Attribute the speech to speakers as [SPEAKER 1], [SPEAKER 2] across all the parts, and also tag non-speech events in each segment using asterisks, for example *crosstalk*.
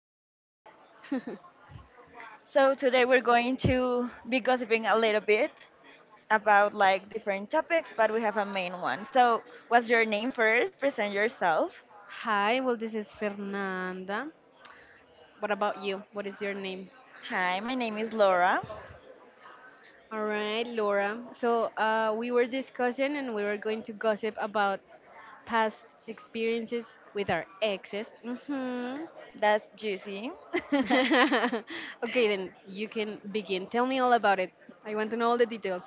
[SPEAKER 1] welcome.
[SPEAKER 2] *laughs*
[SPEAKER 1] So today we're going to be gossiping a little bit about like different topics, but we have a main one. So, what's your name first? Present yourself.
[SPEAKER 2] Hi, well, this is Fernanda. What about you? What is your name?
[SPEAKER 1] Hi, my name is Laura.
[SPEAKER 2] All right, Laura. So, we were discussing and we were going to gossip about past experiences with our exes.
[SPEAKER 1] That's juicy. *laughs*
[SPEAKER 2] *laughs* Okay, then you can begin. Tell me all about it. I want to know all the details.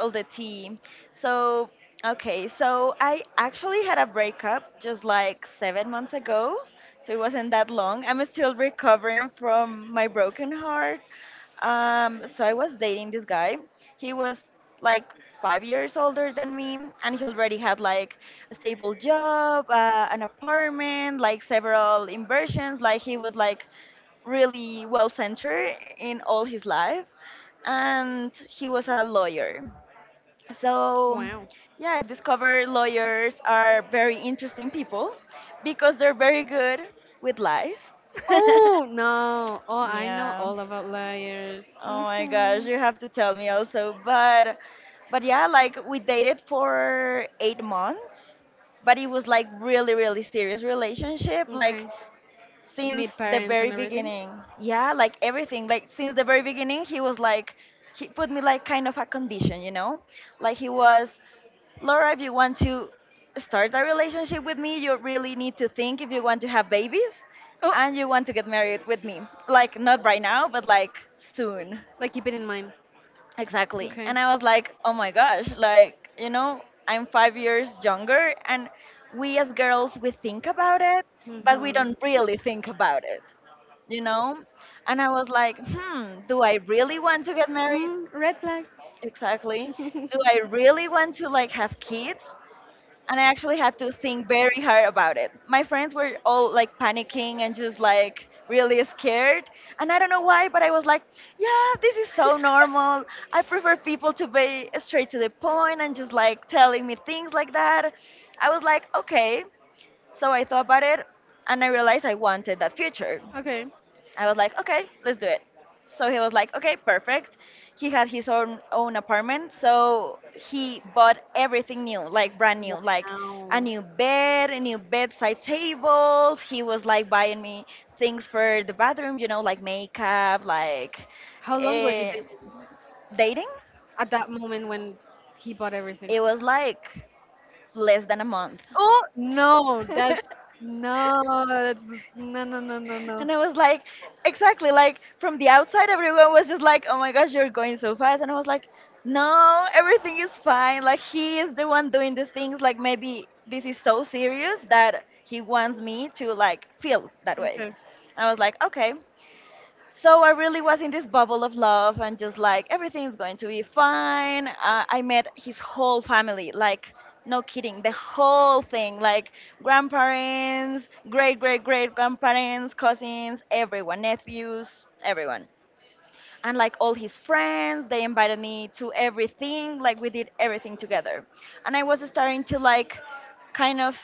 [SPEAKER 1] All the tea. So, okay, so I actually had a breakup just like 7 months ago. So it wasn't that long. I'm still recovering from my broken heart. So I was dating this guy. He was like 5 years older than me, and he already had like a stable job, an apartment, like several inversions. Like he was like really well centered in all his life, and he was a lawyer. So,
[SPEAKER 2] Wow.
[SPEAKER 1] yeah, I discovered lawyers are very interesting people because they're very good with lies.
[SPEAKER 2] Oh no. Oh,
[SPEAKER 1] *laughs*
[SPEAKER 2] I know
[SPEAKER 1] Yeah.
[SPEAKER 2] all about layers.
[SPEAKER 1] Oh my
[SPEAKER 2] Yeah.
[SPEAKER 1] gosh, you have to tell me also. But yeah, like we dated for 8 months, but it was like really really serious relationship like
[SPEAKER 2] Okay, like
[SPEAKER 1] since
[SPEAKER 2] meet
[SPEAKER 1] the
[SPEAKER 2] parents
[SPEAKER 1] very
[SPEAKER 2] and everything.
[SPEAKER 1] beginning. Yeah, like everything. Like since the very beginning, he was like he put me like kind of a condition, you know? Like he was Laura, if you want to start a relationship with me, you really need to think if you want to have babies
[SPEAKER 2] Oh.
[SPEAKER 1] and you want to get married with me. Like, not right now, but like soon.
[SPEAKER 2] Like keep it in mind.
[SPEAKER 1] Exactly.
[SPEAKER 2] Okay.
[SPEAKER 1] And I was like, oh my gosh, like, you know, I'm 5 years younger, and we as girls, we think about it, but we
[SPEAKER 2] Mm-hmm.
[SPEAKER 1] don't really think about it, you know? And I was like, hmm, do I really want to get married?
[SPEAKER 2] Mm, red flag.
[SPEAKER 1] Exactly.
[SPEAKER 2] *laughs*
[SPEAKER 1] Do I really want to like have kids? And I actually had to think very hard about it. My friends were all like panicking and just like really scared. And I don't know why, but I was like, yeah, this is so normal. I prefer people to be straight to the point and just like telling me things like that. I was like, okay. So I thought about it and I realized I wanted that future.
[SPEAKER 2] Okay.
[SPEAKER 1] I was like, okay, let's do it. So he was like, okay, perfect. He had his own apartment, so he bought everything new, like brand new, like a
[SPEAKER 2] Wow.
[SPEAKER 1] new bed, a new bedside table. He was like buying me things for the bathroom, you know, like makeup, like
[SPEAKER 2] How long were you
[SPEAKER 1] eh,
[SPEAKER 2] dating
[SPEAKER 1] dating.
[SPEAKER 2] at that moment when he bought everything?
[SPEAKER 1] It was like less than a month.
[SPEAKER 2] Oh no,
[SPEAKER 1] *laughs*
[SPEAKER 2] no, that's no, no, no, no, no.
[SPEAKER 1] And I was like, exactly, like from the outside, everyone was just like, oh my gosh, you're going so fast. And I was like, no, everything is fine. Like, he is the one doing the things. Like, maybe this is so serious that he wants me to, like, feel that way.
[SPEAKER 2] Okay.
[SPEAKER 1] I was like, okay. So I really was in this bubble of love and just like everything's going to be fine. I met his whole family, like no kidding, the whole thing, like grandparents, great great great grandparents, cousins, everyone, nephews, everyone, and like all his friends. They invited me to everything, like we did everything together, and I was starting to like kind of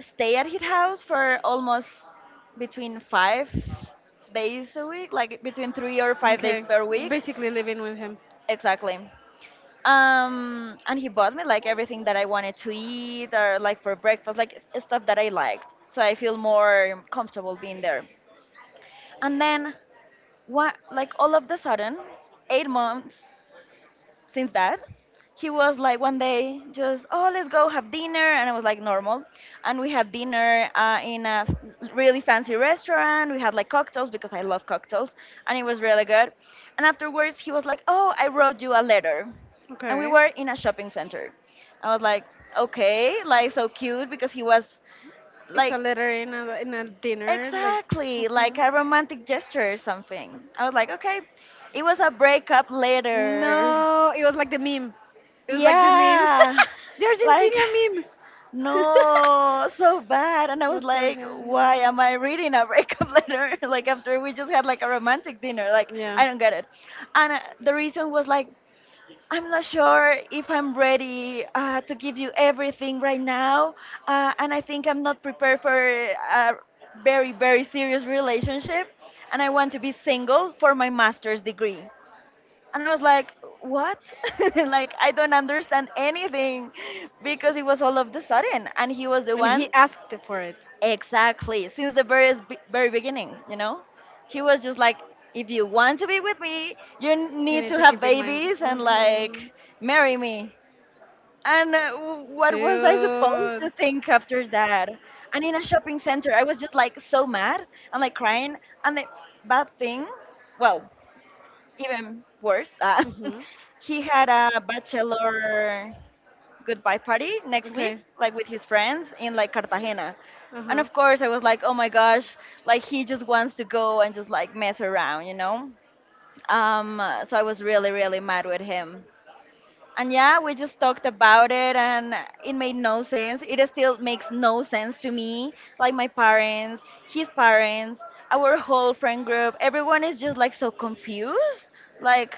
[SPEAKER 1] stay at his house for almost between 5 days a week, like between 3 or 5 days
[SPEAKER 2] Okay.
[SPEAKER 1] per week.
[SPEAKER 2] Basically living with him.
[SPEAKER 1] Exactly. And he bought me like everything that I wanted to eat or like for breakfast, like stuff that I liked, so I feel more comfortable being there. And then what, like all of the sudden, 8 months since that, he was like one day just, oh, let's go have dinner. And I was like, normal. And we had dinner in a really fancy restaurant. We had like cocktails because I love cocktails, and it was really good. And afterwards he was like, oh, I wrote you a letter. And we
[SPEAKER 2] Okay.
[SPEAKER 1] were in a shopping center. I was like, okay, like so cute, because he was
[SPEAKER 2] It's
[SPEAKER 1] like
[SPEAKER 2] a letter in a dinner, like.
[SPEAKER 1] exactly like
[SPEAKER 2] Mhm.
[SPEAKER 1] a romantic gesture or something. I was like, okay. It was a breakup letter.
[SPEAKER 2] No, it was like the meme. It was like the meme.
[SPEAKER 1] Yeah,
[SPEAKER 2] *laughs* The
[SPEAKER 1] like,
[SPEAKER 2] Argentinian meme.
[SPEAKER 1] no, so bad. And
[SPEAKER 2] *laughs*
[SPEAKER 1] I was
[SPEAKER 2] What the
[SPEAKER 1] like, why
[SPEAKER 2] hell?
[SPEAKER 1] am I reading a breakup *laughs* letter like after we just had like a romantic dinner? Like,
[SPEAKER 2] Yeah.
[SPEAKER 1] I don't get it. And the reason was like, I'm not sure if I'm ready to give you everything right now, and I think I'm not prepared for a very very serious relationship, and I want to be single for my master's degree. And I was like,
[SPEAKER 2] *laughs*
[SPEAKER 1] what? *laughs* Like, I don't understand anything, because it was all of the sudden. And he was the one,
[SPEAKER 2] Who asked for it. Exactly.
[SPEAKER 1] exactly, since the very, very beginning, you know? He was just like, if you want to be with me, you need to have babies and like marry me.
[SPEAKER 2] And
[SPEAKER 1] And what was I supposed to think after that? And in a shopping center, I was just like so mad and like crying. And the bad thing, well, even worse,
[SPEAKER 2] *laughs*
[SPEAKER 1] *laughs*
[SPEAKER 2] he.
[SPEAKER 1] he had a bachelor goodbye party next week,
[SPEAKER 2] Okay.
[SPEAKER 1] like with his friends in like Cartagena.
[SPEAKER 2] Uh
[SPEAKER 1] And
[SPEAKER 2] huh.
[SPEAKER 1] of course, I was like, oh my gosh, like he just wants to go and just like mess around, you know? So I was really, really mad with him. And yeah, we just talked about it and it made no sense. It still makes no sense to me. Like my parents, his parents, our whole friend group, everyone is just like so confused. Like,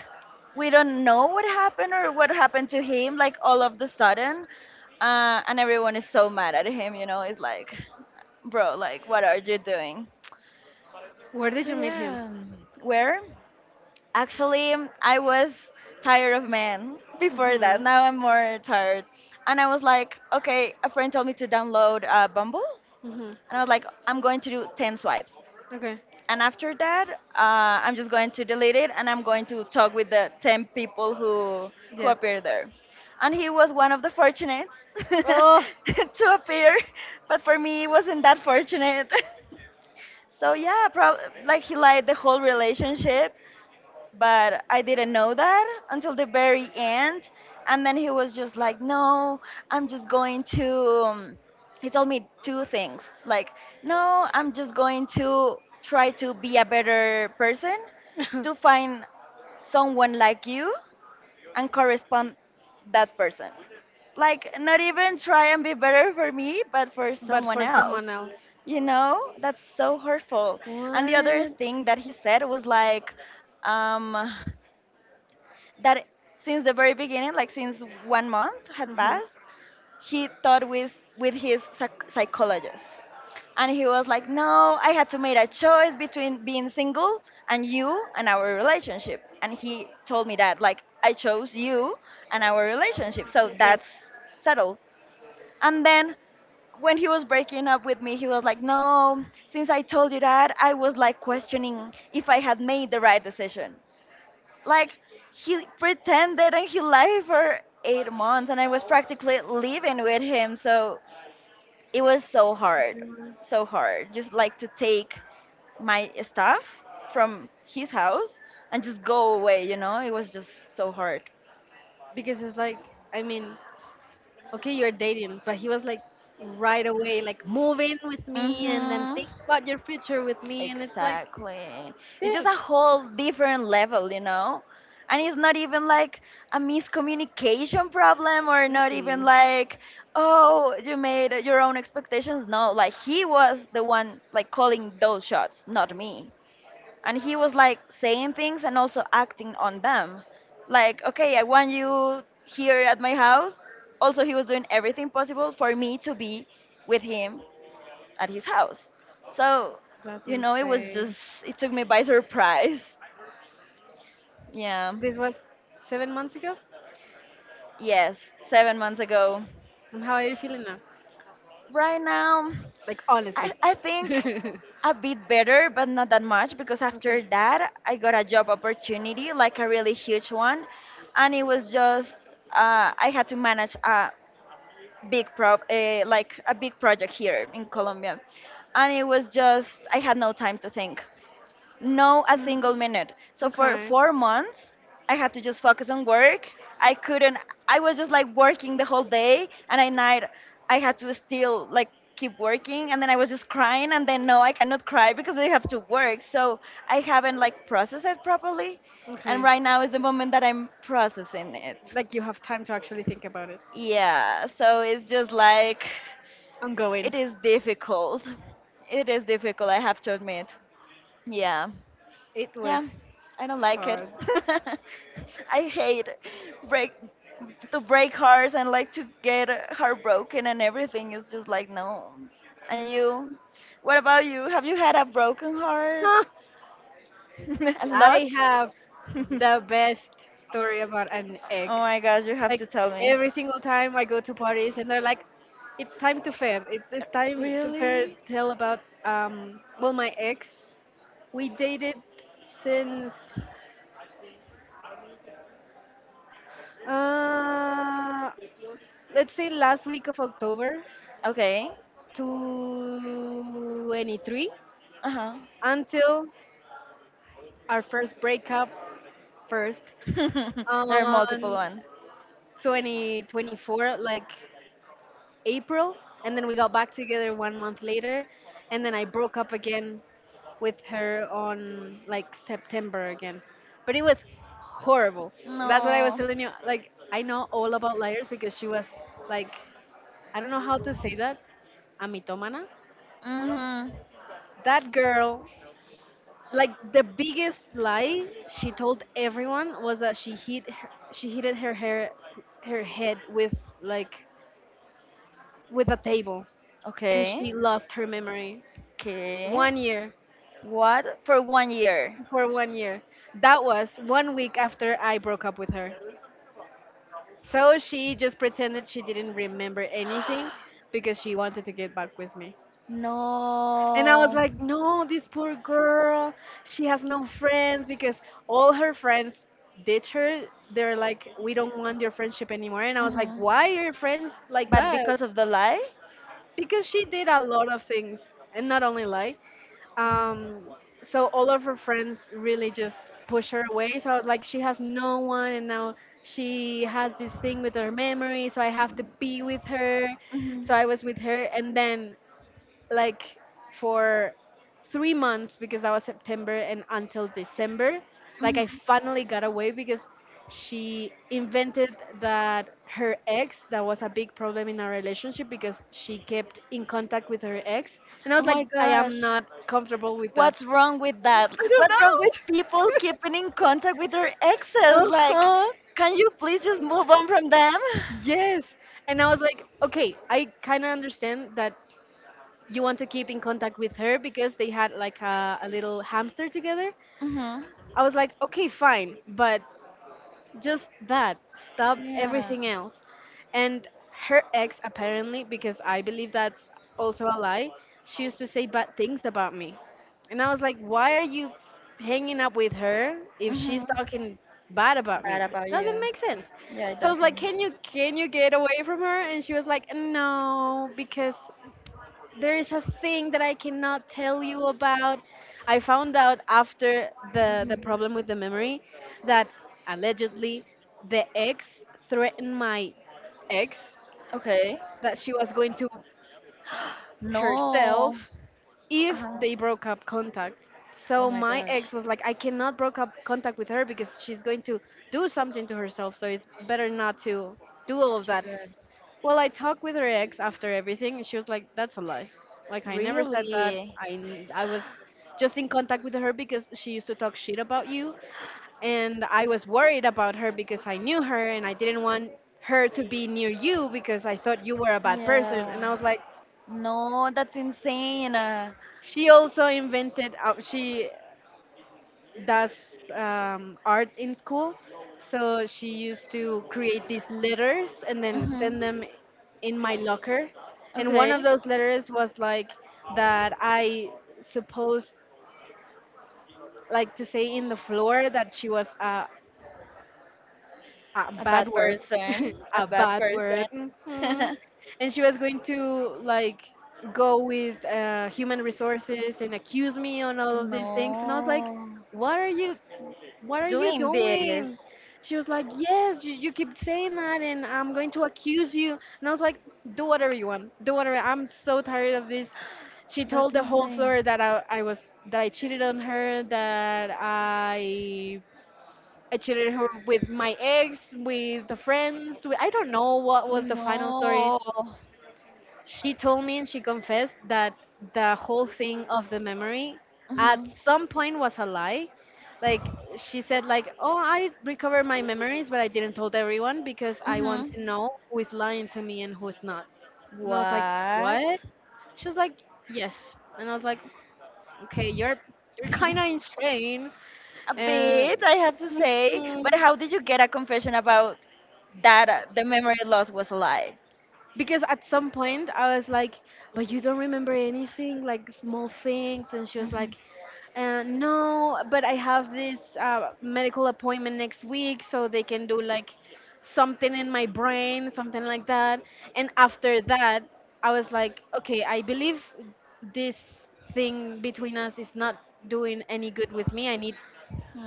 [SPEAKER 1] we don't know what happened or what happened to him like all of the sudden. And everyone is so mad at him, you know. It's like, bro, like what are you doing?
[SPEAKER 2] Where did
[SPEAKER 1] So
[SPEAKER 2] you meet him?
[SPEAKER 1] yeah, where? Actually, I was tired of men before that.
[SPEAKER 2] Mhm.
[SPEAKER 1] Now I'm more tired. And I was like, okay, a friend told me to download Bumble.
[SPEAKER 2] Mhm.
[SPEAKER 1] And I was like, I'm going to do 10 swipes.
[SPEAKER 2] Okay.
[SPEAKER 1] And after that, I'm just going to delete it and I'm going to talk with the 10 people who
[SPEAKER 2] Yeah.
[SPEAKER 1] appear there. And he was one of the fortunate
[SPEAKER 2] Oh,
[SPEAKER 1] *laughs* to appear. But for me, it wasn't that fortunate. *laughs* So yeah, like he liked the whole relationship, but I didn't know that until the very end. And then he was just like, no, I'm just going to. He told me two things like, no, I'm just going to try to be a better person, to
[SPEAKER 2] *laughs*
[SPEAKER 1] find someone like you and correspond that person. Like, not even try and be better for me, but for
[SPEAKER 2] but
[SPEAKER 1] someone
[SPEAKER 2] for
[SPEAKER 1] else.
[SPEAKER 2] someone else.
[SPEAKER 1] You know, that's so hurtful. And the other
[SPEAKER 2] What?
[SPEAKER 1] thing that he said was like, um, that since the very beginning, like since 1 month had
[SPEAKER 2] Mhm.
[SPEAKER 1] passed, he thought with his psychologist, and he was like, "No, I had to make a choice between being single and you and our relationship." And he told me that, like, I chose you and our relationship, so
[SPEAKER 2] Okay.
[SPEAKER 1] that's settled. And then when he was breaking up with me, he was like, "No, since I told you that, I was like questioning if I had made the right decision." Like, he pretended and he lied for 8 months, and I was practically living with him, so it was so hard,
[SPEAKER 2] Mm.
[SPEAKER 1] so hard just like to take my stuff from his house and just go away, you know. It was just so hard.
[SPEAKER 2] Because it's like, I mean, okay, you're dating, but he was like, right away, like, move in with me and then
[SPEAKER 1] Hmm.
[SPEAKER 2] think about your future with me. And it's like,
[SPEAKER 1] Exactly. It's just
[SPEAKER 2] dude,
[SPEAKER 1] a whole different level, you know? And it's not even like a miscommunication problem or not even
[SPEAKER 2] mm-mm,
[SPEAKER 1] like, oh, you made your own expectations. No, like he was the one like calling those shots, not me. And he was like saying things and also acting on them. Like, okay, I want you here at my house. Also, he was doing everything possible for me to be with him at his house. So,
[SPEAKER 2] that's
[SPEAKER 1] you know, it was
[SPEAKER 2] insane.
[SPEAKER 1] just, it took me by surprise. Yeah.
[SPEAKER 2] This was 7 months ago.
[SPEAKER 1] Yes, 7 months ago.
[SPEAKER 2] And how are you feeling now?
[SPEAKER 1] Right now,
[SPEAKER 2] Like,
[SPEAKER 1] I,
[SPEAKER 2] honestly.
[SPEAKER 1] I think
[SPEAKER 2] *laughs*
[SPEAKER 1] a bit better, but not that much because after
[SPEAKER 2] Okay.
[SPEAKER 1] that, I got a job opportunity, like a really huge one. And it was just, I had to manage a like a big project here in Colombia. And it was just, I had no time to think. No, a single
[SPEAKER 2] Mm.
[SPEAKER 1] minute. So for 4 months, I had to just focus on work. I couldn't. I was just like working the whole day, and at night I had to still like keep working, and then I was just crying, and then no, I cannot cry because I have to work. So I haven't like processed it properly,
[SPEAKER 2] Okay.
[SPEAKER 1] and
[SPEAKER 2] Okay.
[SPEAKER 1] right now is the moment that I'm processing it.
[SPEAKER 2] Like, you have time to actually think about it.
[SPEAKER 1] Yeah. So it's just like it
[SPEAKER 2] Ongoing.
[SPEAKER 1] is difficult. It is difficult, I have to admit. Yeah.
[SPEAKER 2] It was
[SPEAKER 1] Yeah, I don't like it.
[SPEAKER 2] hard. *laughs*
[SPEAKER 1] *laughs* I hate break to break hearts and like to get heartbroken and everything. It's just like no. And you, what about you? Have you had a broken heart?
[SPEAKER 2] Huh?
[SPEAKER 1] *laughs* A lot?
[SPEAKER 2] I have
[SPEAKER 1] *laughs* Oh
[SPEAKER 2] the best story about an ex.
[SPEAKER 1] my gosh, you have
[SPEAKER 2] Like,
[SPEAKER 1] to tell me.
[SPEAKER 2] every single time I go to parties and they're like, it's time to fair. It's time to fair
[SPEAKER 1] Really?
[SPEAKER 2] tell about, well, my ex. We dated since, uh, let's say last week of October
[SPEAKER 1] Okay.
[SPEAKER 2] to 23,
[SPEAKER 1] Uh huh.
[SPEAKER 2] until our first breakup, first,
[SPEAKER 1] *laughs* there are multiple
[SPEAKER 2] on
[SPEAKER 1] ones.
[SPEAKER 2] 2024, like April. And then we got back together 1 month later, and then I broke up again with her on like September again. But it was horrible. That's what I was
[SPEAKER 1] No.
[SPEAKER 2] telling you. Like, I know all about liars because she was, like, I don't know how to say that, amitomana,
[SPEAKER 1] Mhm.
[SPEAKER 2] that girl. Like, the biggest lie she told everyone was that she hit her hair her head with, like, with a table, and
[SPEAKER 1] Okay.
[SPEAKER 2] she lost her memory
[SPEAKER 1] Okay.
[SPEAKER 2] 1 year.
[SPEAKER 1] What for one year?
[SPEAKER 2] For 1 year. That was 1 week after I broke up with her, so she just pretended she didn't remember anything
[SPEAKER 1] *gasps*
[SPEAKER 2] because she wanted to get back with me. And I was
[SPEAKER 1] No.
[SPEAKER 2] like, no, this poor girl, she has no friends because all her friends ditch her. They're like, we don't want your friendship anymore. And I was like,
[SPEAKER 1] Mhm.
[SPEAKER 2] why are your friends like
[SPEAKER 1] But
[SPEAKER 2] that?
[SPEAKER 1] because of the lie?
[SPEAKER 2] Because she did a lot of things, and not only lie. Um, so all of her friends really just push her away. So I was like, she has no one, and now she has this thing with her memory, so I have to be with her.
[SPEAKER 1] Mhm.
[SPEAKER 2] So I was with her, and then, like, for 3 months, because that was September and until December. Like, I
[SPEAKER 1] Mhm.
[SPEAKER 2] finally got away because she invented that her ex, that was a big problem in our relationship because she kept in contact with her ex, and I
[SPEAKER 1] Oh
[SPEAKER 2] was like,
[SPEAKER 1] my
[SPEAKER 2] I am
[SPEAKER 1] gosh.
[SPEAKER 2] not comfortable with
[SPEAKER 1] What's
[SPEAKER 2] that.
[SPEAKER 1] wrong with that?
[SPEAKER 2] I don't
[SPEAKER 1] What's wrong with
[SPEAKER 2] know.
[SPEAKER 1] people keeping
[SPEAKER 2] *laughs*
[SPEAKER 1] in contact with their exes? Like,
[SPEAKER 2] Uh-huh.
[SPEAKER 1] can you please just move on from them?
[SPEAKER 2] Yes. And I was like, okay, I kind of understand that you want to keep in contact with her because they had like a little hamster together.
[SPEAKER 1] Hmm
[SPEAKER 2] I was like, okay, fine, but just that. Stop
[SPEAKER 1] Yeah.
[SPEAKER 2] everything else. And her ex, apparently, because I believe that's also a lie, she used to say bad things about me. And I was like, why are you hanging up with her if
[SPEAKER 1] hmm
[SPEAKER 2] she's talking bad about
[SPEAKER 1] Bad
[SPEAKER 2] me?
[SPEAKER 1] about
[SPEAKER 2] Doesn't
[SPEAKER 1] you.
[SPEAKER 2] make sense.
[SPEAKER 1] Yeah, it
[SPEAKER 2] So I was like,
[SPEAKER 1] doesn't.
[SPEAKER 2] can you, can you get away from her? And she was like, no, because there is a thing that I cannot tell you about. I found out after the
[SPEAKER 1] Mhm.
[SPEAKER 2] problem with the memory that, allegedly, the ex threatened my ex
[SPEAKER 1] Okay.
[SPEAKER 2] that she was going to herself
[SPEAKER 1] No.
[SPEAKER 2] if
[SPEAKER 1] Uh-huh.
[SPEAKER 2] they broke up contact.
[SPEAKER 1] Oh
[SPEAKER 2] So
[SPEAKER 1] my
[SPEAKER 2] my
[SPEAKER 1] gosh.
[SPEAKER 2] ex was like, I cannot broke up contact with her because she's going to do something to herself, so it's better not to do all of
[SPEAKER 1] Too
[SPEAKER 2] that.
[SPEAKER 1] good.
[SPEAKER 2] Well, I talked with her ex after everything, and she was like, "That's a lie. Like, I never said that.
[SPEAKER 1] Really?
[SPEAKER 2] I was just in contact with her because she used to talk shit about you, and I was worried about her because I knew her and I didn't want her to be near you because I thought you were a bad person." And I
[SPEAKER 1] Yeah.
[SPEAKER 2] was like,
[SPEAKER 1] No, that's insane.
[SPEAKER 2] "She also invented. She does, art in school." So she used to create these letters and then
[SPEAKER 1] Hmm.
[SPEAKER 2] send them in my locker. And one
[SPEAKER 1] Okay.
[SPEAKER 2] of those letters was like that I supposed, like, to say in the floor that she was a
[SPEAKER 1] A
[SPEAKER 2] bad
[SPEAKER 1] bad
[SPEAKER 2] word,
[SPEAKER 1] person.
[SPEAKER 2] *laughs*
[SPEAKER 1] A
[SPEAKER 2] a
[SPEAKER 1] bad
[SPEAKER 2] bad
[SPEAKER 1] person.
[SPEAKER 2] word. hmm
[SPEAKER 1] *laughs*
[SPEAKER 2] And she was going to, like, go with human resources and accuse me on all of these things. And I was like,
[SPEAKER 1] no.
[SPEAKER 2] "What are you? What are you
[SPEAKER 1] Doing
[SPEAKER 2] doing?"
[SPEAKER 1] this.
[SPEAKER 2] She was like, "Yes, you keep saying that, and I'm going to accuse you." And I was like, "Do whatever you want. Do whatever. I'm so tired of this." She
[SPEAKER 1] That's
[SPEAKER 2] told the whole
[SPEAKER 1] insane.
[SPEAKER 2] floor that I was, that I cheated on her, that I cheated her with my ex, with the friends. With, I don't know what was the final story.
[SPEAKER 1] No.
[SPEAKER 2] She told me, and she confessed that the whole thing of the memory at
[SPEAKER 1] Mhm.
[SPEAKER 2] some point was a lie. Like, she said, like, oh, I recovered my memories, but I didn't told everyone because I want
[SPEAKER 1] Mhm.
[SPEAKER 2] to know who is lying to me and who is not. And I was like,
[SPEAKER 1] What?
[SPEAKER 2] what? She was like, yes. And I was like, okay, you're kind of
[SPEAKER 1] *laughs*
[SPEAKER 2] insane.
[SPEAKER 1] A bit,
[SPEAKER 2] And
[SPEAKER 1] I have to say. But
[SPEAKER 2] Mhm.
[SPEAKER 1] how did you get a confession about that, the memory loss was a lie?
[SPEAKER 2] Because at some point I was like, but you don't remember anything, like, small things. And she was
[SPEAKER 1] Mhm.
[SPEAKER 2] like, no, but I have this medical appointment next week, so they can do like something in my brain, something like that. And after that, I was like, okay, I believe this thing between us is not doing any good with me. I need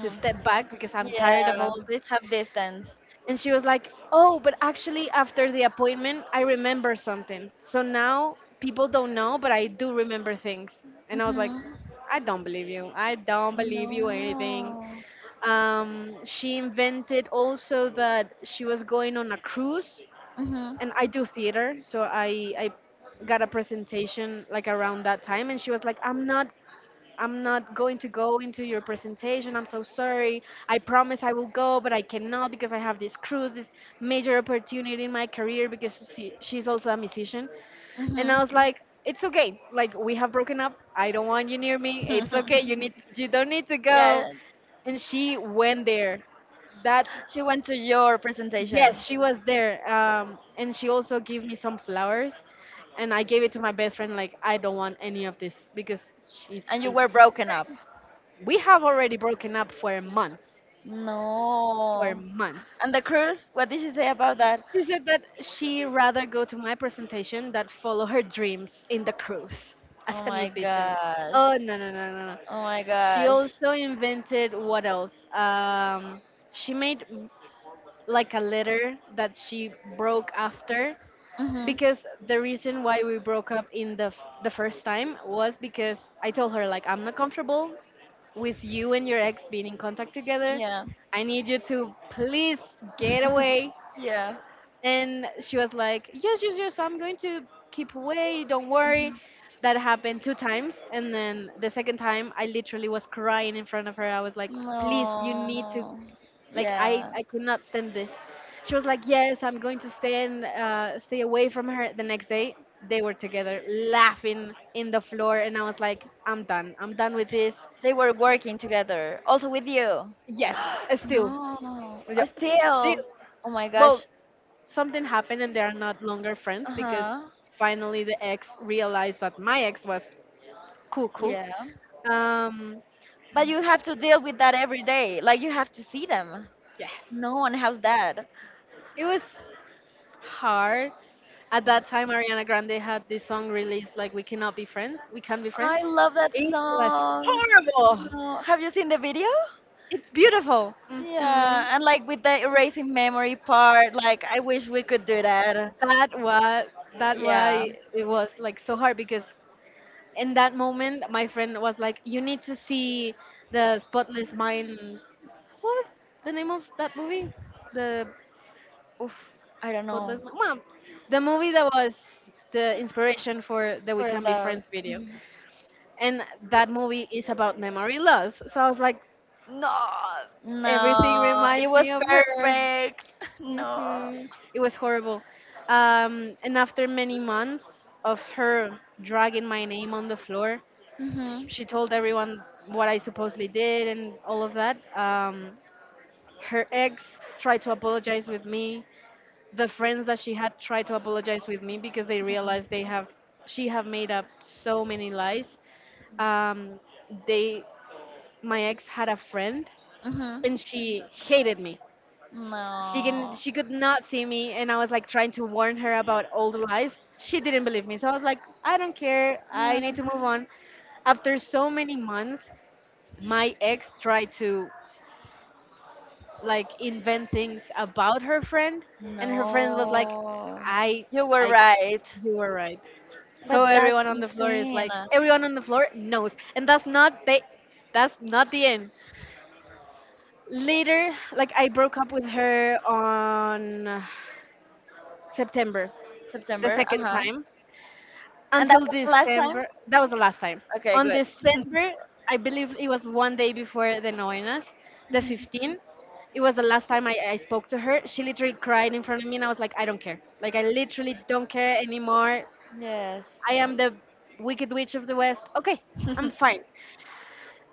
[SPEAKER 2] to step back because I'm tired of
[SPEAKER 1] Yeah,
[SPEAKER 2] all of this.
[SPEAKER 1] have distance.
[SPEAKER 2] And she was like, oh, but actually, after the appointment, I remember something. So now people don't know, but I do remember things. And I was like,
[SPEAKER 1] Mhm.
[SPEAKER 2] I don't believe you. I don't believe you anything.
[SPEAKER 1] No.
[SPEAKER 2] She invented also that she was going on a cruise.
[SPEAKER 1] Mhm.
[SPEAKER 2] And I do theater. So I got a presentation like around that time. And she was like, I'm not going to go into your presentation. I'm so sorry. I promise I will go, but I cannot because I have this cruise, this major opportunity in my career, because she's also a musician. And
[SPEAKER 1] Mhm.
[SPEAKER 2] I was like, it's okay. Like, we have broken up. I don't want you near me. It's okay.
[SPEAKER 1] *laughs*
[SPEAKER 2] You don't need to go.
[SPEAKER 1] yeah,
[SPEAKER 2] And she went there. That,
[SPEAKER 1] she went to your presentation
[SPEAKER 2] yes, she was there. And she also gave me some flowers, and I gave it to my best friend. Like, I don't want any of this because she's
[SPEAKER 1] and you were
[SPEAKER 2] it's,
[SPEAKER 1] broken up.
[SPEAKER 2] we have already broken up for months. For
[SPEAKER 1] No.
[SPEAKER 2] months.
[SPEAKER 1] And the cruise, what did she say about that?
[SPEAKER 2] She said that she rather go to my presentation than follow her dreams in the cruise *laughs* as
[SPEAKER 1] Oh
[SPEAKER 2] a
[SPEAKER 1] my
[SPEAKER 2] musician.
[SPEAKER 1] gosh.
[SPEAKER 2] Oh no, no, no, no, no.
[SPEAKER 1] Oh my
[SPEAKER 2] She
[SPEAKER 1] gosh.
[SPEAKER 2] also invented, what else? She made like a letter that she broke after,
[SPEAKER 1] Mhm.
[SPEAKER 2] because the reason why we broke up in the the first time was because I told her, like, I'm not comfortable with you and your ex being in contact together.
[SPEAKER 1] Yeah.
[SPEAKER 2] I need you to please get
[SPEAKER 1] *laughs*
[SPEAKER 2] away.
[SPEAKER 1] Yeah.
[SPEAKER 2] And she was like, yes, yes, yes, I'm going to keep away. Don't worry.
[SPEAKER 1] Mhm.
[SPEAKER 2] That happened 2 times. And then the second time, I literally was crying in front of her. I was like, please, you need to,
[SPEAKER 1] No.
[SPEAKER 2] like,
[SPEAKER 1] Yeah.
[SPEAKER 2] I could not stand this. She was like, yes, I'm going to stay and, stay away from her. The next day, they were together laughing in the floor. And I was like, I'm done. I'm done with this.
[SPEAKER 1] They were working together. Also with you.
[SPEAKER 2] Yes, still.
[SPEAKER 1] No. Oh,
[SPEAKER 2] Yeah,
[SPEAKER 1] still.
[SPEAKER 2] still,
[SPEAKER 1] Oh my
[SPEAKER 2] well,
[SPEAKER 1] gosh.
[SPEAKER 2] something happened and they are not longer friends
[SPEAKER 1] Uh
[SPEAKER 2] because
[SPEAKER 1] huh.
[SPEAKER 2] finally the ex realized that my ex was cuckoo.
[SPEAKER 1] Yeah.
[SPEAKER 2] Um,
[SPEAKER 1] But you have to deal with that every day. Like you have to see them.
[SPEAKER 2] yeah,
[SPEAKER 1] No, and how's that?
[SPEAKER 2] it was hard. At that time, Ariana Grande had this song released, like, "We Cannot Be Friends," "We can Be Friends."
[SPEAKER 1] I love that
[SPEAKER 2] It was
[SPEAKER 1] song.
[SPEAKER 2] horrible.
[SPEAKER 1] No. Have you seen the video?
[SPEAKER 2] It's beautiful.
[SPEAKER 1] Yeah, and like with the erasing memory part, like I wish we could do that.
[SPEAKER 2] That was that
[SPEAKER 1] Yeah.
[SPEAKER 2] why it was like so hard because in that moment, my friend was like, "You need to see the Spotless Mind, what was the name of that movie? The
[SPEAKER 1] Oof, I don't know.
[SPEAKER 2] Spotless Mom. The movie that was the inspiration for the We
[SPEAKER 1] For
[SPEAKER 2] Can Be
[SPEAKER 1] the
[SPEAKER 2] Friends video. And that movie is about memory loss. So I was like, no, everything
[SPEAKER 1] no, it
[SPEAKER 2] reminds
[SPEAKER 1] was
[SPEAKER 2] me of her.
[SPEAKER 1] perfect. *laughs* No.
[SPEAKER 2] hmm It was horrible. And after many months of her dragging my name on the floor,
[SPEAKER 1] Mhm.
[SPEAKER 2] she told everyone what I supposedly did and all of that. Her ex tried to apologize with me, the friends that she had tried to apologize with me, because they realized they have, she have made up so many lies. um, they My ex had a friend
[SPEAKER 1] Mhm.
[SPEAKER 2] and she hated me. she
[SPEAKER 1] No.
[SPEAKER 2] can she could not see me, and I was like trying to warn her about all the lies. She didn't believe me, so I was like, I don't care, I
[SPEAKER 1] Yeah.
[SPEAKER 2] need to move on. After so many months, my ex tried to like invent things about her friend, and her friend was like,
[SPEAKER 1] No.
[SPEAKER 2] i
[SPEAKER 1] You were
[SPEAKER 2] I
[SPEAKER 1] right.
[SPEAKER 2] you were right. So
[SPEAKER 1] But that's
[SPEAKER 2] everyone on the floor is
[SPEAKER 1] insane.
[SPEAKER 2] like, everyone on the floor knows. And that's not the, that's not the end. Later, like, I broke up with her on September, the
[SPEAKER 1] September,
[SPEAKER 2] second
[SPEAKER 1] uh-huh.
[SPEAKER 2] time,
[SPEAKER 1] And that
[SPEAKER 2] until
[SPEAKER 1] was the last time?
[SPEAKER 2] December. That was the last time.
[SPEAKER 1] Okay,
[SPEAKER 2] On
[SPEAKER 1] good.
[SPEAKER 2] December,
[SPEAKER 1] *laughs*
[SPEAKER 2] I believe it was one day before the Noinas, the
[SPEAKER 1] Mhm.
[SPEAKER 2] 15th. It was the last time I spoke to her. She literally cried in front of me, and I was like, I don't care. Like, I literally don't care anymore.
[SPEAKER 1] Yes.
[SPEAKER 2] I am the Wicked Witch of the West. Okay, I'm
[SPEAKER 1] *laughs*
[SPEAKER 2] fine.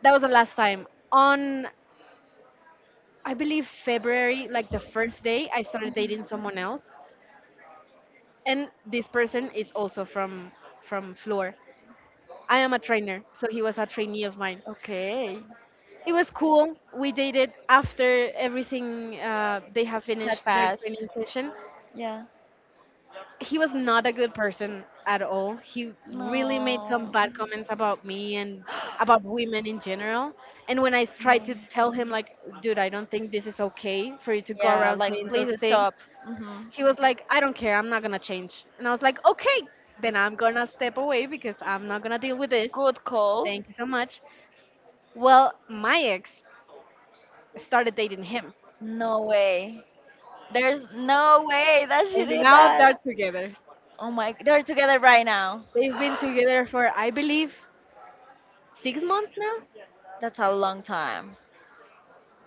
[SPEAKER 2] That was the last time. On, I believe, February, like the first day, I started
[SPEAKER 1] Mhm.
[SPEAKER 2] dating someone else. And this person is also from Fleur. I am a trainer, so he was a trainee of mine.
[SPEAKER 1] Okay,
[SPEAKER 2] It was cool. We did it after everything. They have
[SPEAKER 1] had
[SPEAKER 2] finished their
[SPEAKER 1] passed.
[SPEAKER 2] training session.
[SPEAKER 1] Yeah.
[SPEAKER 2] He was not a good person at all. He really made some
[SPEAKER 1] No.
[SPEAKER 2] bad comments about me and about women in
[SPEAKER 1] *gasps*
[SPEAKER 2] general. And when I
[SPEAKER 1] No.
[SPEAKER 2] tried to tell him, like, dude, I don't think this is okay for you to go
[SPEAKER 1] Yeah,
[SPEAKER 2] around
[SPEAKER 1] like
[SPEAKER 2] saying those
[SPEAKER 1] please
[SPEAKER 2] things,
[SPEAKER 1] stop. hmm.
[SPEAKER 2] he was like, I don't care, I'm not gonna change. And I was like, okay, then I'm gonna step away because I'm not gonna deal with this.
[SPEAKER 1] Good call.
[SPEAKER 2] Thank you so much. Well, my ex started dating him,
[SPEAKER 1] No way. There's no way that she
[SPEAKER 2] and
[SPEAKER 1] did
[SPEAKER 2] now they're
[SPEAKER 1] that.
[SPEAKER 2] together.
[SPEAKER 1] Oh my, they're together right now.
[SPEAKER 2] They've been together for, I believe, six months now,
[SPEAKER 1] That's a long time.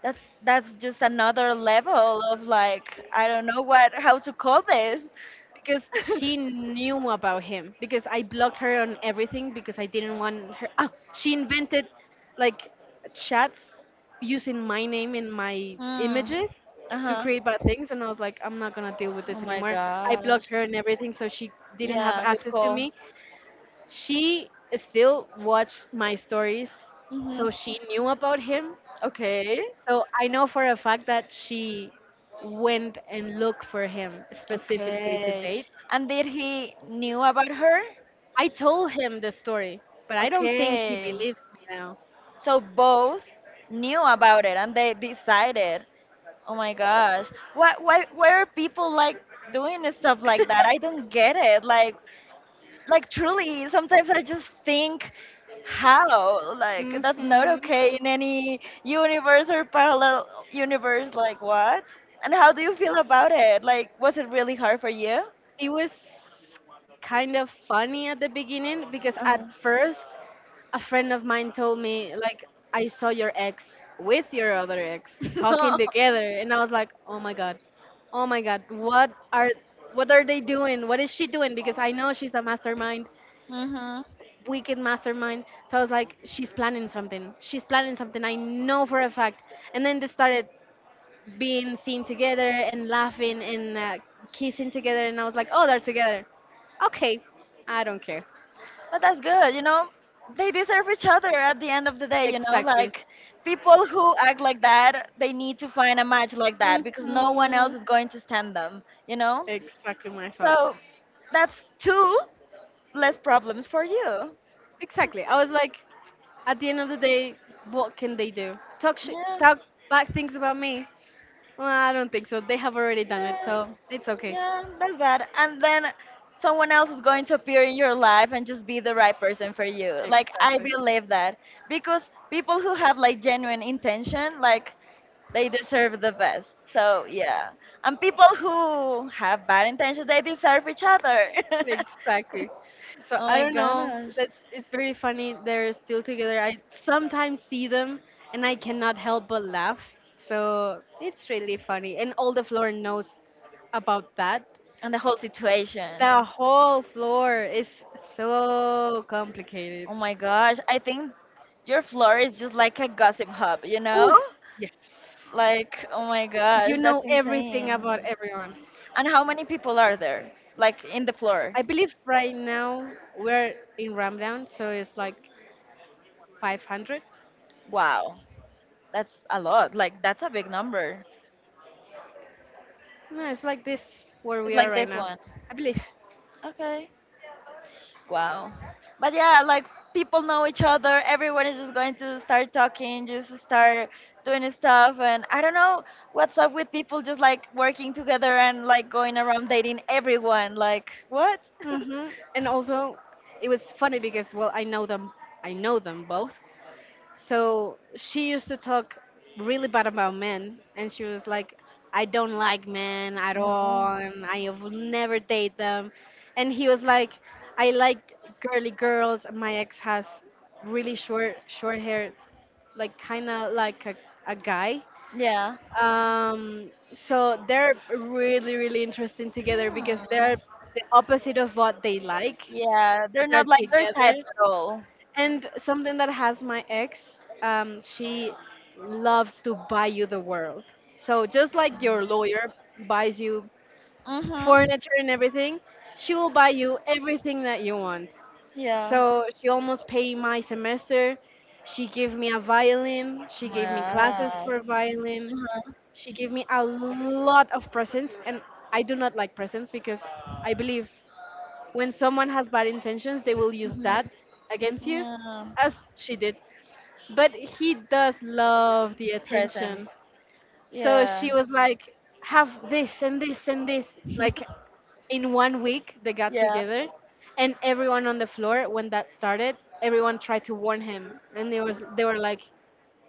[SPEAKER 1] That's just another level of, like, I don't know what how to call this.
[SPEAKER 2] because
[SPEAKER 1] *laughs*
[SPEAKER 2] she knew about him, because I blocked her on everything because I didn't want her. Oh, she invented like chats using my name in my
[SPEAKER 1] Hmm.
[SPEAKER 2] images to
[SPEAKER 1] Uh-huh.
[SPEAKER 2] create bad things, and I was like, I'm not gonna deal with this
[SPEAKER 1] Oh my
[SPEAKER 2] anymore. I blocked
[SPEAKER 1] gosh.
[SPEAKER 2] her and everything, so she didn't have
[SPEAKER 1] Yeah, good
[SPEAKER 2] access to
[SPEAKER 1] call.
[SPEAKER 2] me. She still watched my stories,
[SPEAKER 1] hmm.
[SPEAKER 2] so she knew about him.
[SPEAKER 1] Okay.
[SPEAKER 2] So I know for a fact that she went and looked for him specifically to
[SPEAKER 1] Okay.
[SPEAKER 2] date.
[SPEAKER 1] And did he knew about her?
[SPEAKER 2] I told him the story, but I don't think he
[SPEAKER 1] Okay.
[SPEAKER 2] believes me now.
[SPEAKER 1] So both knew about it and they decided. Oh my gosh. Why are people like doing stuff like that? I don't get it. Like truly sometimes I just think how, like, that's not
[SPEAKER 2] hmm
[SPEAKER 1] okay in any universe or parallel universe, like, what? And how do you feel about it? Like, was it really hard for you?
[SPEAKER 2] It was kind of funny at the beginning, because at
[SPEAKER 1] Uh-huh.
[SPEAKER 2] first, a friend of mine told me, like, I saw your ex with your other ex
[SPEAKER 1] *laughs* No.
[SPEAKER 2] talking together, and I was like, "Oh my god. Oh my god. What are they doing? What is she doing? Because I know she's a mastermind,
[SPEAKER 1] Mm-hmm.
[SPEAKER 2] wicked mastermind." So I was like, she's planning something. She's planning something. I know for a fact. And then they started being seen together and laughing and kissing together. And I was like, oh, they're together. Okay, I don't care.
[SPEAKER 1] But that's good, you know. They deserve each other at the end of the day, you know.
[SPEAKER 2] Exactly.
[SPEAKER 1] Like, people who act like that, they need to find a match like that because no one else
[SPEAKER 2] Mhm.
[SPEAKER 1] is going to stand them, you know.
[SPEAKER 2] Exactly my thoughts.
[SPEAKER 1] So that's two less problems for you.
[SPEAKER 2] Exactly. I was like, at the end of the day, what can they do? Talk sh-
[SPEAKER 1] Yeah,
[SPEAKER 2] talk bad things about me? Well, I don't think so. They have already done it,
[SPEAKER 1] yeah,
[SPEAKER 2] so it's okay.
[SPEAKER 1] yeah, that's bad. And then someone else is going to appear in your life and just be the right person for you. Like, I
[SPEAKER 2] Exactly.
[SPEAKER 1] believe that. Because people who have like genuine intention, like, they deserve the best. So, yeah. And people who have bad intentions, they deserve each other. *laughs*
[SPEAKER 2] Exactly. So
[SPEAKER 1] Oh
[SPEAKER 2] I
[SPEAKER 1] my
[SPEAKER 2] don't know.
[SPEAKER 1] gosh.
[SPEAKER 2] That's, it's very funny. They're still together. I sometimes see them and I cannot help but laugh. So it's really funny. And all the floor knows about that.
[SPEAKER 1] And the whole situation.
[SPEAKER 2] The whole floor is so
[SPEAKER 1] Oh
[SPEAKER 2] complicated.
[SPEAKER 1] my gosh, I think your floor is just like a gossip hub, you know?
[SPEAKER 2] Ooh, yes.
[SPEAKER 1] Like, oh my
[SPEAKER 2] You
[SPEAKER 1] gosh, that's
[SPEAKER 2] know everything about
[SPEAKER 1] insane.
[SPEAKER 2] everyone.
[SPEAKER 1] And how many people are there? Like, in the floor?
[SPEAKER 2] I believe right now we're in Ramadan, so it's like 500.
[SPEAKER 1] Wow, that's a lot. Like, that's a big number.
[SPEAKER 2] No, it's like this where
[SPEAKER 1] It's
[SPEAKER 2] we are
[SPEAKER 1] like
[SPEAKER 2] right
[SPEAKER 1] this
[SPEAKER 2] now.
[SPEAKER 1] one.
[SPEAKER 2] I believe.
[SPEAKER 1] Okay. Wow. But yeah, like, people know each other. Everyone is just going to start talking, just start doing stuff. And I don't know what's up with people just like working together and like going around dating everyone. Like, what? *laughs*
[SPEAKER 2] And also, it was funny because, well, I know them. I know them both. So she used to talk really bad about men, and she was like, "I don't like men at
[SPEAKER 1] No.
[SPEAKER 2] all, and I will never date them." And he was like, "I like girly girls. My ex has really short hair, like kind of like a guy."
[SPEAKER 1] Yeah.
[SPEAKER 2] So they're really interesting together
[SPEAKER 1] Yeah.
[SPEAKER 2] because they're the opposite of what they like,
[SPEAKER 1] Yeah. They're
[SPEAKER 2] but they're
[SPEAKER 1] not like their type
[SPEAKER 2] together.
[SPEAKER 1] at all.
[SPEAKER 2] And something that has my ex, she loves to buy you the world. So just like your lawyer buys you
[SPEAKER 1] Mm-hmm.
[SPEAKER 2] furniture and everything, she will buy you everything that you want.
[SPEAKER 1] Yeah.
[SPEAKER 2] So she almost paid my semester. She gave me a violin. She gave me classes
[SPEAKER 1] Right.
[SPEAKER 2] for violin.
[SPEAKER 1] Uh-huh.
[SPEAKER 2] She gave me a lot of presents, and I do not like presents because I believe when someone has bad intentions, they will use
[SPEAKER 1] Mm-hmm.
[SPEAKER 2] that against you,
[SPEAKER 1] Yeah.
[SPEAKER 2] as she did, but he does love the
[SPEAKER 1] Presence.
[SPEAKER 2] attention. So she
[SPEAKER 1] Yeah.
[SPEAKER 2] was like, have this and this and this. Like
[SPEAKER 1] *laughs*
[SPEAKER 2] in one week, they got
[SPEAKER 1] Yeah.
[SPEAKER 2] together, and everyone on the floor, when that started, everyone tried to warn him, and they were like,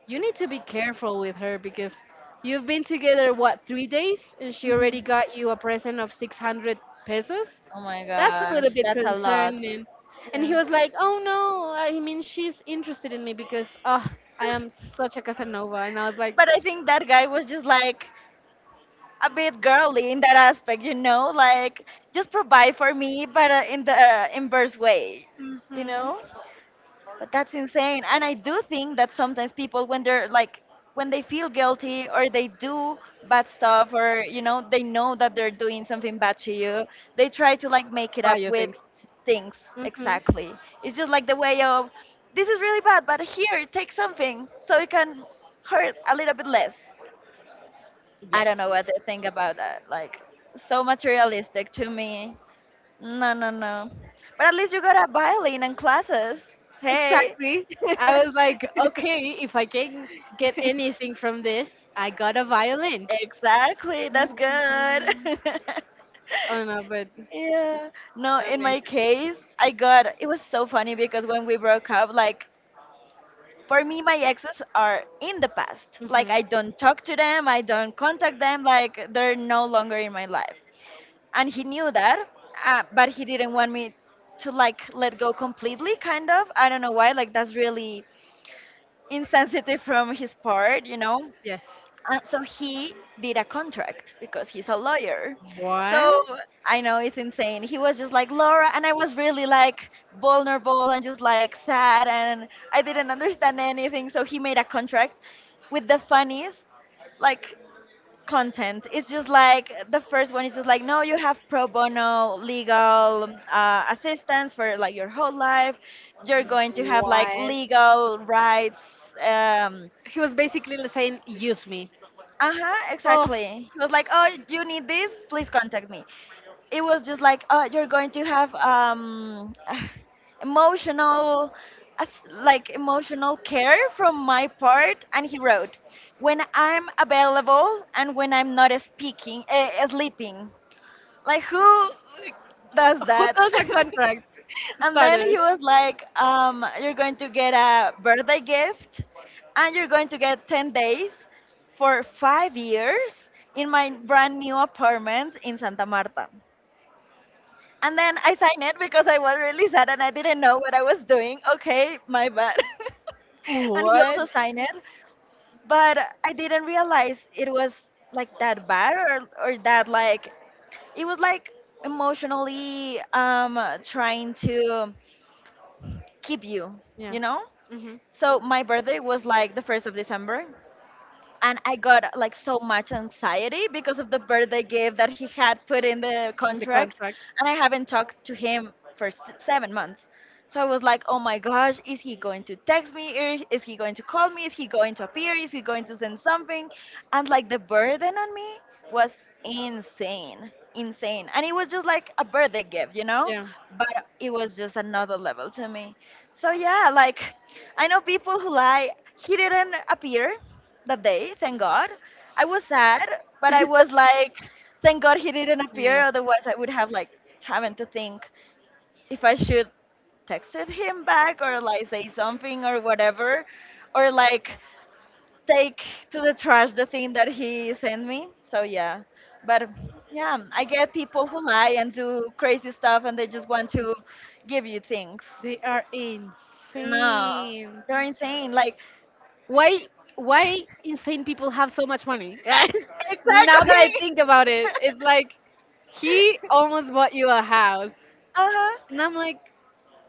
[SPEAKER 2] you need to be careful with her because you've been together, what, three days? And she already
[SPEAKER 1] Mm-hmm.
[SPEAKER 2] got you a present of 600 pesos?
[SPEAKER 1] Oh my
[SPEAKER 2] That's a little
[SPEAKER 1] gosh.
[SPEAKER 2] bit
[SPEAKER 1] That's a lot.
[SPEAKER 2] concerning. And he
[SPEAKER 1] Yeah.
[SPEAKER 2] was like, oh no, I mean, she's interested in me because, oh, I am such a Casanova. And I was like,
[SPEAKER 1] But I think that guy was just like a bit girly in that aspect, you know, like, just provide for me, but in the inverse way, you know?
[SPEAKER 2] mm-hmm.
[SPEAKER 1] But that's insane. And I do think that sometimes people, when they're like, when they feel guilty or they do bad stuff or, you know, they know that they're doing something bad to you, they try to like make it up
[SPEAKER 2] Bio
[SPEAKER 1] with
[SPEAKER 2] things.
[SPEAKER 1] things.
[SPEAKER 2] Mm-hmm.
[SPEAKER 1] Exactly. It's just like the way of, this is really bad, but here, take something so it can hurt a little bit less. I
[SPEAKER 2] Yes,
[SPEAKER 1] don't know what they think about that. Like, so materialistic to me. No, no, no. But at least you got a violin and classes. Hey.
[SPEAKER 2] exactly. I was like,
[SPEAKER 1] *laughs*
[SPEAKER 2] okay, if I can get anything from this, I got a violin.
[SPEAKER 1] Exactly. That's
[SPEAKER 2] Mhm.
[SPEAKER 1] good. *laughs*
[SPEAKER 2] Oh no, but
[SPEAKER 1] Yeah. No, in my
[SPEAKER 2] amazing.
[SPEAKER 1] case, I got, it was so funny because when we broke up, like, for me, my exes are in the past. Like, I
[SPEAKER 2] Mhm.
[SPEAKER 1] don't talk to them, I don't contact them, like, they're no longer in my life. And he knew that, but he didn't want me to, like, let go completely. Kind of. I don't know why. Like, that's really insensitive from his part, you know?
[SPEAKER 2] Yes.
[SPEAKER 1] So he did a contract because he's a lawyer. So
[SPEAKER 2] What?
[SPEAKER 1] I know it's insane. He was just like, Laura, and I was really like vulnerable and just like sad, and I didn't understand anything. So he made a contract with the funniest, like, content. It's just like the first one is just like, no, you have pro bono legal assistance for, like, your whole life. You're going to have like
[SPEAKER 2] What?
[SPEAKER 1] legal rights. Um,
[SPEAKER 2] He was basically like saying, use me.
[SPEAKER 1] uh huh,
[SPEAKER 2] Oh,
[SPEAKER 1] exactly. He was like, oh, you need this? Please contact me. It was just like, oh, you're going to have *sighs* emotional. Like, emotional care from my part, and he wrote, "When I'm available and when I'm not speaking, sleeping." Like, who,
[SPEAKER 2] *laughs*
[SPEAKER 1] like, does
[SPEAKER 2] who
[SPEAKER 1] that?
[SPEAKER 2] does a contract?
[SPEAKER 1] *laughs* And then he
[SPEAKER 2] Starters.
[SPEAKER 1] was like, you're going to get a birthday gift, and you're going to get 10 days for 5 years in my brand new apartment in Santa Marta. And then I signed it because I was really sad and I didn't know what I was doing. Okay, my bad. *laughs* And he
[SPEAKER 2] What?
[SPEAKER 1] also signed it, but I didn't realize it was like that bad, or that, like, it was like emotionally trying to keep you,
[SPEAKER 2] Yeah.
[SPEAKER 1] you know?
[SPEAKER 2] Mhm.
[SPEAKER 1] So my birthday was like the 1st of December, and I got like so much anxiety because of the birthday gift that he had put in the
[SPEAKER 2] The
[SPEAKER 1] contract,
[SPEAKER 2] contract.
[SPEAKER 1] and I haven't talked to him for 7 months. So I was like, oh my gosh, is he going to text me? Or is he going to call me? Is he going to appear? Is he going to send something? And like the burden on me was insane, insane. And it was just like a birthday gift, you know?
[SPEAKER 2] Yeah.
[SPEAKER 1] But it was just another level to me. So yeah, like, I know people who lie. He didn't appear that day, thank God. I was sad, but I was like, thank
[SPEAKER 2] *laughs*
[SPEAKER 1] God he didn't appear, otherwise I would have like, having to think if I should texted him back or like say something or whatever, or like take to the trash the thing that
[SPEAKER 2] Yes.
[SPEAKER 1] he sent me. So yeah. But yeah, I get people who lie and do crazy stuff and they just want to give you things.
[SPEAKER 2] They are
[SPEAKER 1] No.
[SPEAKER 2] insane.
[SPEAKER 1] They're insane. Like,
[SPEAKER 2] Why why insane people have so much money? *laughs* now
[SPEAKER 1] exactly.
[SPEAKER 2] that I think about it, it's like he
[SPEAKER 1] *laughs*
[SPEAKER 2] almost bought you a house.
[SPEAKER 1] Uh-huh.
[SPEAKER 2] And I'm like,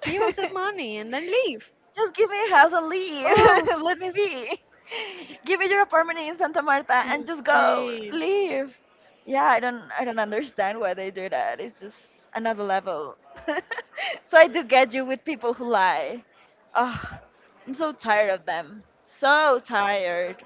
[SPEAKER 2] give us the
[SPEAKER 1] *laughs*
[SPEAKER 2] money and then leave.
[SPEAKER 1] Just give me a house and leave.
[SPEAKER 2] Oh,
[SPEAKER 1] *laughs* Let me be. Give me your apartment in Santa Marta and just go.
[SPEAKER 2] insane.
[SPEAKER 1] Leave. Yeah, I don't understand why they do that. It's just another level. *laughs* So I do get you with people who lie. Oh, I'm so tired of them. So tired.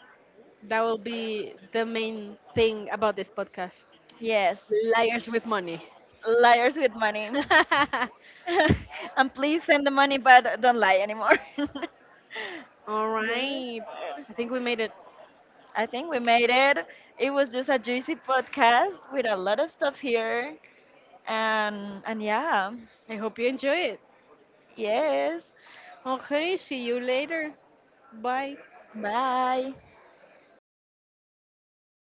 [SPEAKER 2] That will be the main thing about this podcast.
[SPEAKER 1] Yes.
[SPEAKER 2] Liars with money.
[SPEAKER 1] Liars with money.
[SPEAKER 2] *laughs*
[SPEAKER 1] *laughs* And please send the money but don't lie anymore. *laughs*
[SPEAKER 2] All
[SPEAKER 1] Good.
[SPEAKER 2] right. I think we made it.
[SPEAKER 1] I think we made it. It was just a juicy podcast with a lot of stuff here. And yeah.
[SPEAKER 2] I hope you enjoy it.
[SPEAKER 1] Yes.
[SPEAKER 2] Okay, see you later. Bye.
[SPEAKER 1] Bye.